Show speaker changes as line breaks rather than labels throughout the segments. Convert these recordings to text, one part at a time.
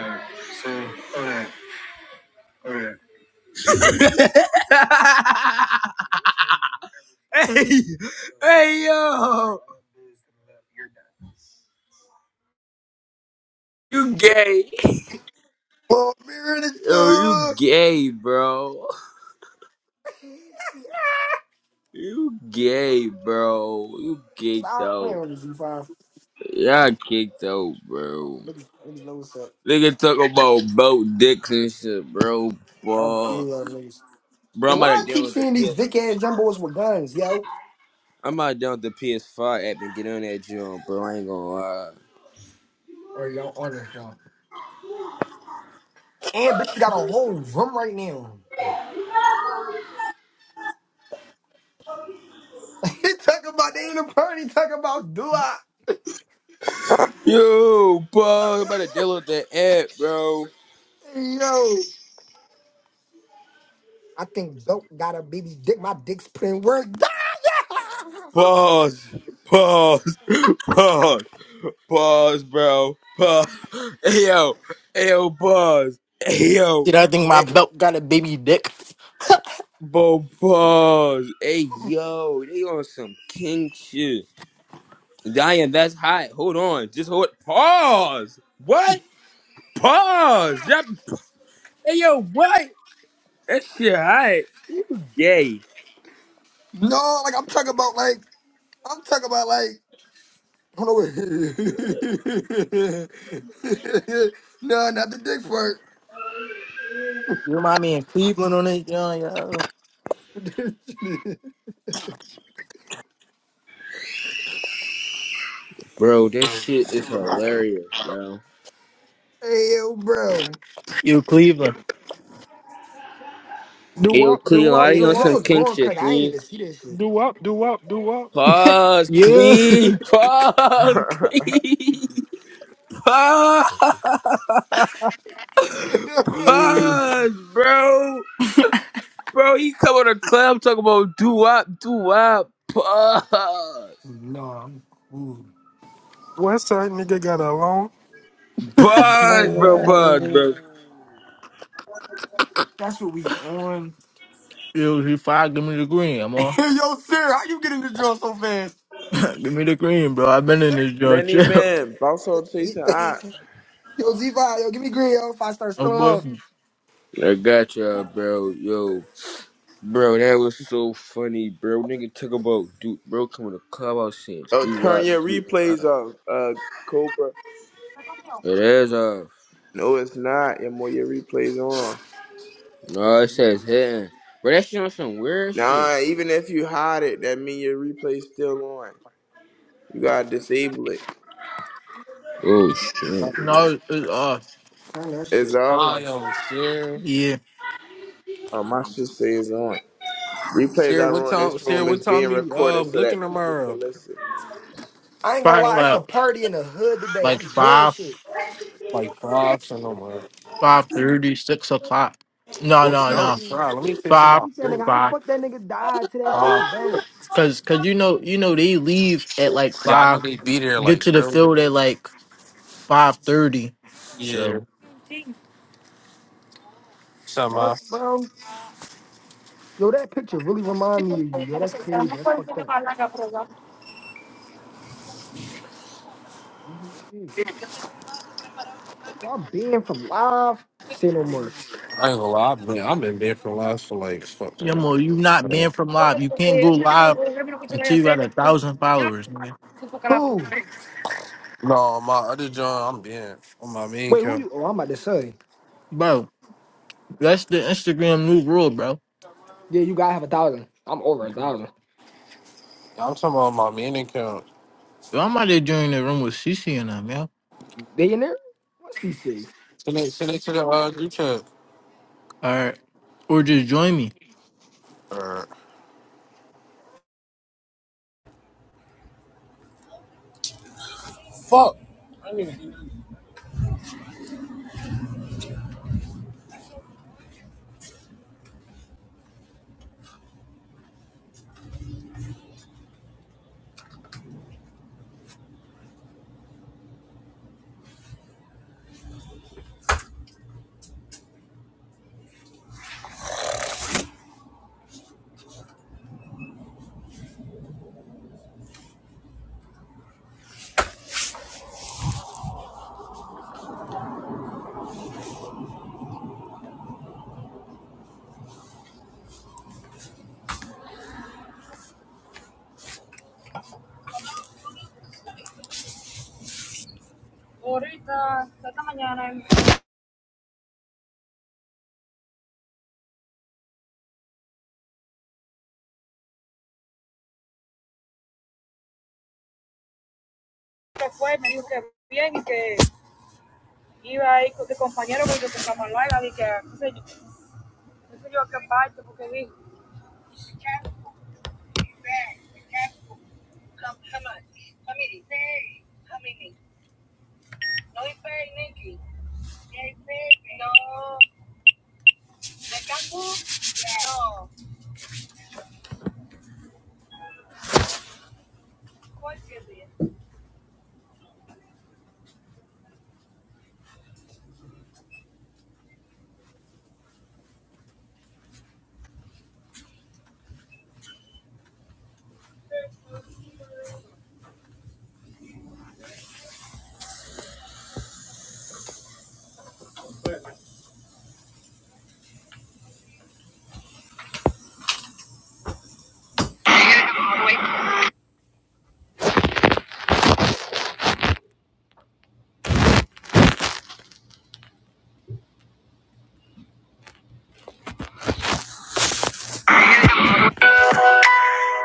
hey, hey, yo, you gay?
Little mirror in the
Yo, you
jug.
gay, bro? You gay, bro? You kicked
Stop
out?
playing with the Z5.
Y'all kicked out, bro.
Niggas, niggas know what's up.
Nigga talk about boat dicks and shit, bro.
I'm
Fuck,
cool out niggas.
bro.
Yo,
I'm
why
about
I
to deal
keep
with the
seeing these
PS.
big ass jumbos with guns, yo?
I'm about to deal with the PS5 app and get on that joint, bro. I ain't gonna lie.
Or yo, on this show. And bitch, you got a whole room right now. he talking about they in the party, talking about do I?
Yo, bro, I'm about to deal with that app, bro.
Hey, yo. I think dope got a baby dick. My dick's putting work.
Pause. Pause. Pause. Pause, bro. Pause. Hey, yo. Hey, yo, pause. Hey, yo.
See that thing, my
Hey,
belt got a baby dick.
bro, pause. Hey, yo. They on some king shit. Diane, that's hot. Hold on. Just hold. Pause. What? Pause. That, hey, yo, what? That shit hot. Gay.
no, like I'm talking about like I'm talking about like Hold on, wait. no, not the dick part.
You remind me in Cleveland on it, yo, yo.
Bro, this shit is hilarious, bro.
hey, yo, bro.
You Cleveland.
Hey,
Do
yo,
up, do
Cleveland,
Oh,
why
up,
yeah,
you on
the
do
some
up,
hell's
king
going
shit,
crazy. I ain't
Cleveland?
even see that
do up, do up, do up.
Pause,
Yeah.
please. Pause, please. Pause,
shit.
yeah.
pause, bro. Bro, you come on the club talking about do wop, do wop. Pause.
no, I'm cool.
West side nigga got a loan.
Pause, bro. Pause, bro.
Yo. That's what we on.
Yo, she fired, give me the green, I'm on.
yo, sir, how you get in the drill so fast?
give me the green, bro. I've been in this joint,
Many
chill.
men, household chasing hot.
yo, Z5, yo, give me green, yo, if I start
Oh,
spilling
boy.
off.
I got y'all, bro. Yo, bro, that was so funny, bro. Nigga talk about dude, bro. Coming to club, I was saying
Oh,
do
turn
wop,
your
do
replays
wop.
off, uh, Cobra.
It is off.
No, it's not. Your more your replays on.
No,
Nah,
it says
replays.
hitting. Bro, that shit on some weird shit.
Nah, even if you hide it, that mean your replay's still on. You gotta disable it.
Oh shit.
No, it's, it's us.
Turn that
It's
shit
off.
I
off.
am sure.
Yeah.
Oh, my shit say it's on. Replays
Sure,
I
what
run in
time?
this
Sure,
room
what
is being
time you uh
recorded so
looking
that people
tomorrow?
can listen.
I ain't gonna
Probably
lie, it's a
like,
party in the hood today. I'm
like
doing
5,
shit.
Like five tomorrow.
five thirty, six o'clock. No,
Oh,
no,
I'm
no.
sorry. Let me fix
5,
my
He said, nigga,
food.
how the
5.
fuck that nigga died to that
Five.
fucking belt?
Cause, cause you know, you know, they leave at like
Yeah, I know
5,
they be there
get
like
to the
early.
field at like 5.30.
Yeah.
So.
Fuck,
Somehow.
bro. Yo, that picture really remind me of you. Yo, that's crazy. That's fucked up. Well, I'm banned from live. Say no more.
I ain't gonna lie. I've been, I've been there for last for like fucking.
Yamo, you not
Uh,
banned from live. You can't go live until you got a thousand followers, nigga.
Who?
no, my other joint, I'm being on my main
Wait, who
account.
you? Oh, I'm about to say.
Bro, that's the Instagram new rule, bro.
Yeah, you gotta have a thousand. I'm over a
Yo,
thousand.
I'm talking about my main account.
I'm out there doing the room with CC and them, yo.
Billionaire? What's he say?
Send it, send it to the uh, group chat.
All right. Or just join me.
Fuck.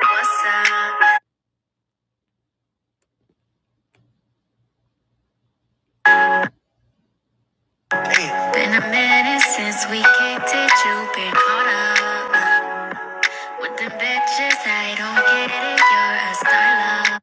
What's up? Been a minute since we kicked it. You been caught up with them bitches. I don't get it. You're a styler.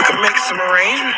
We could make some arrangements.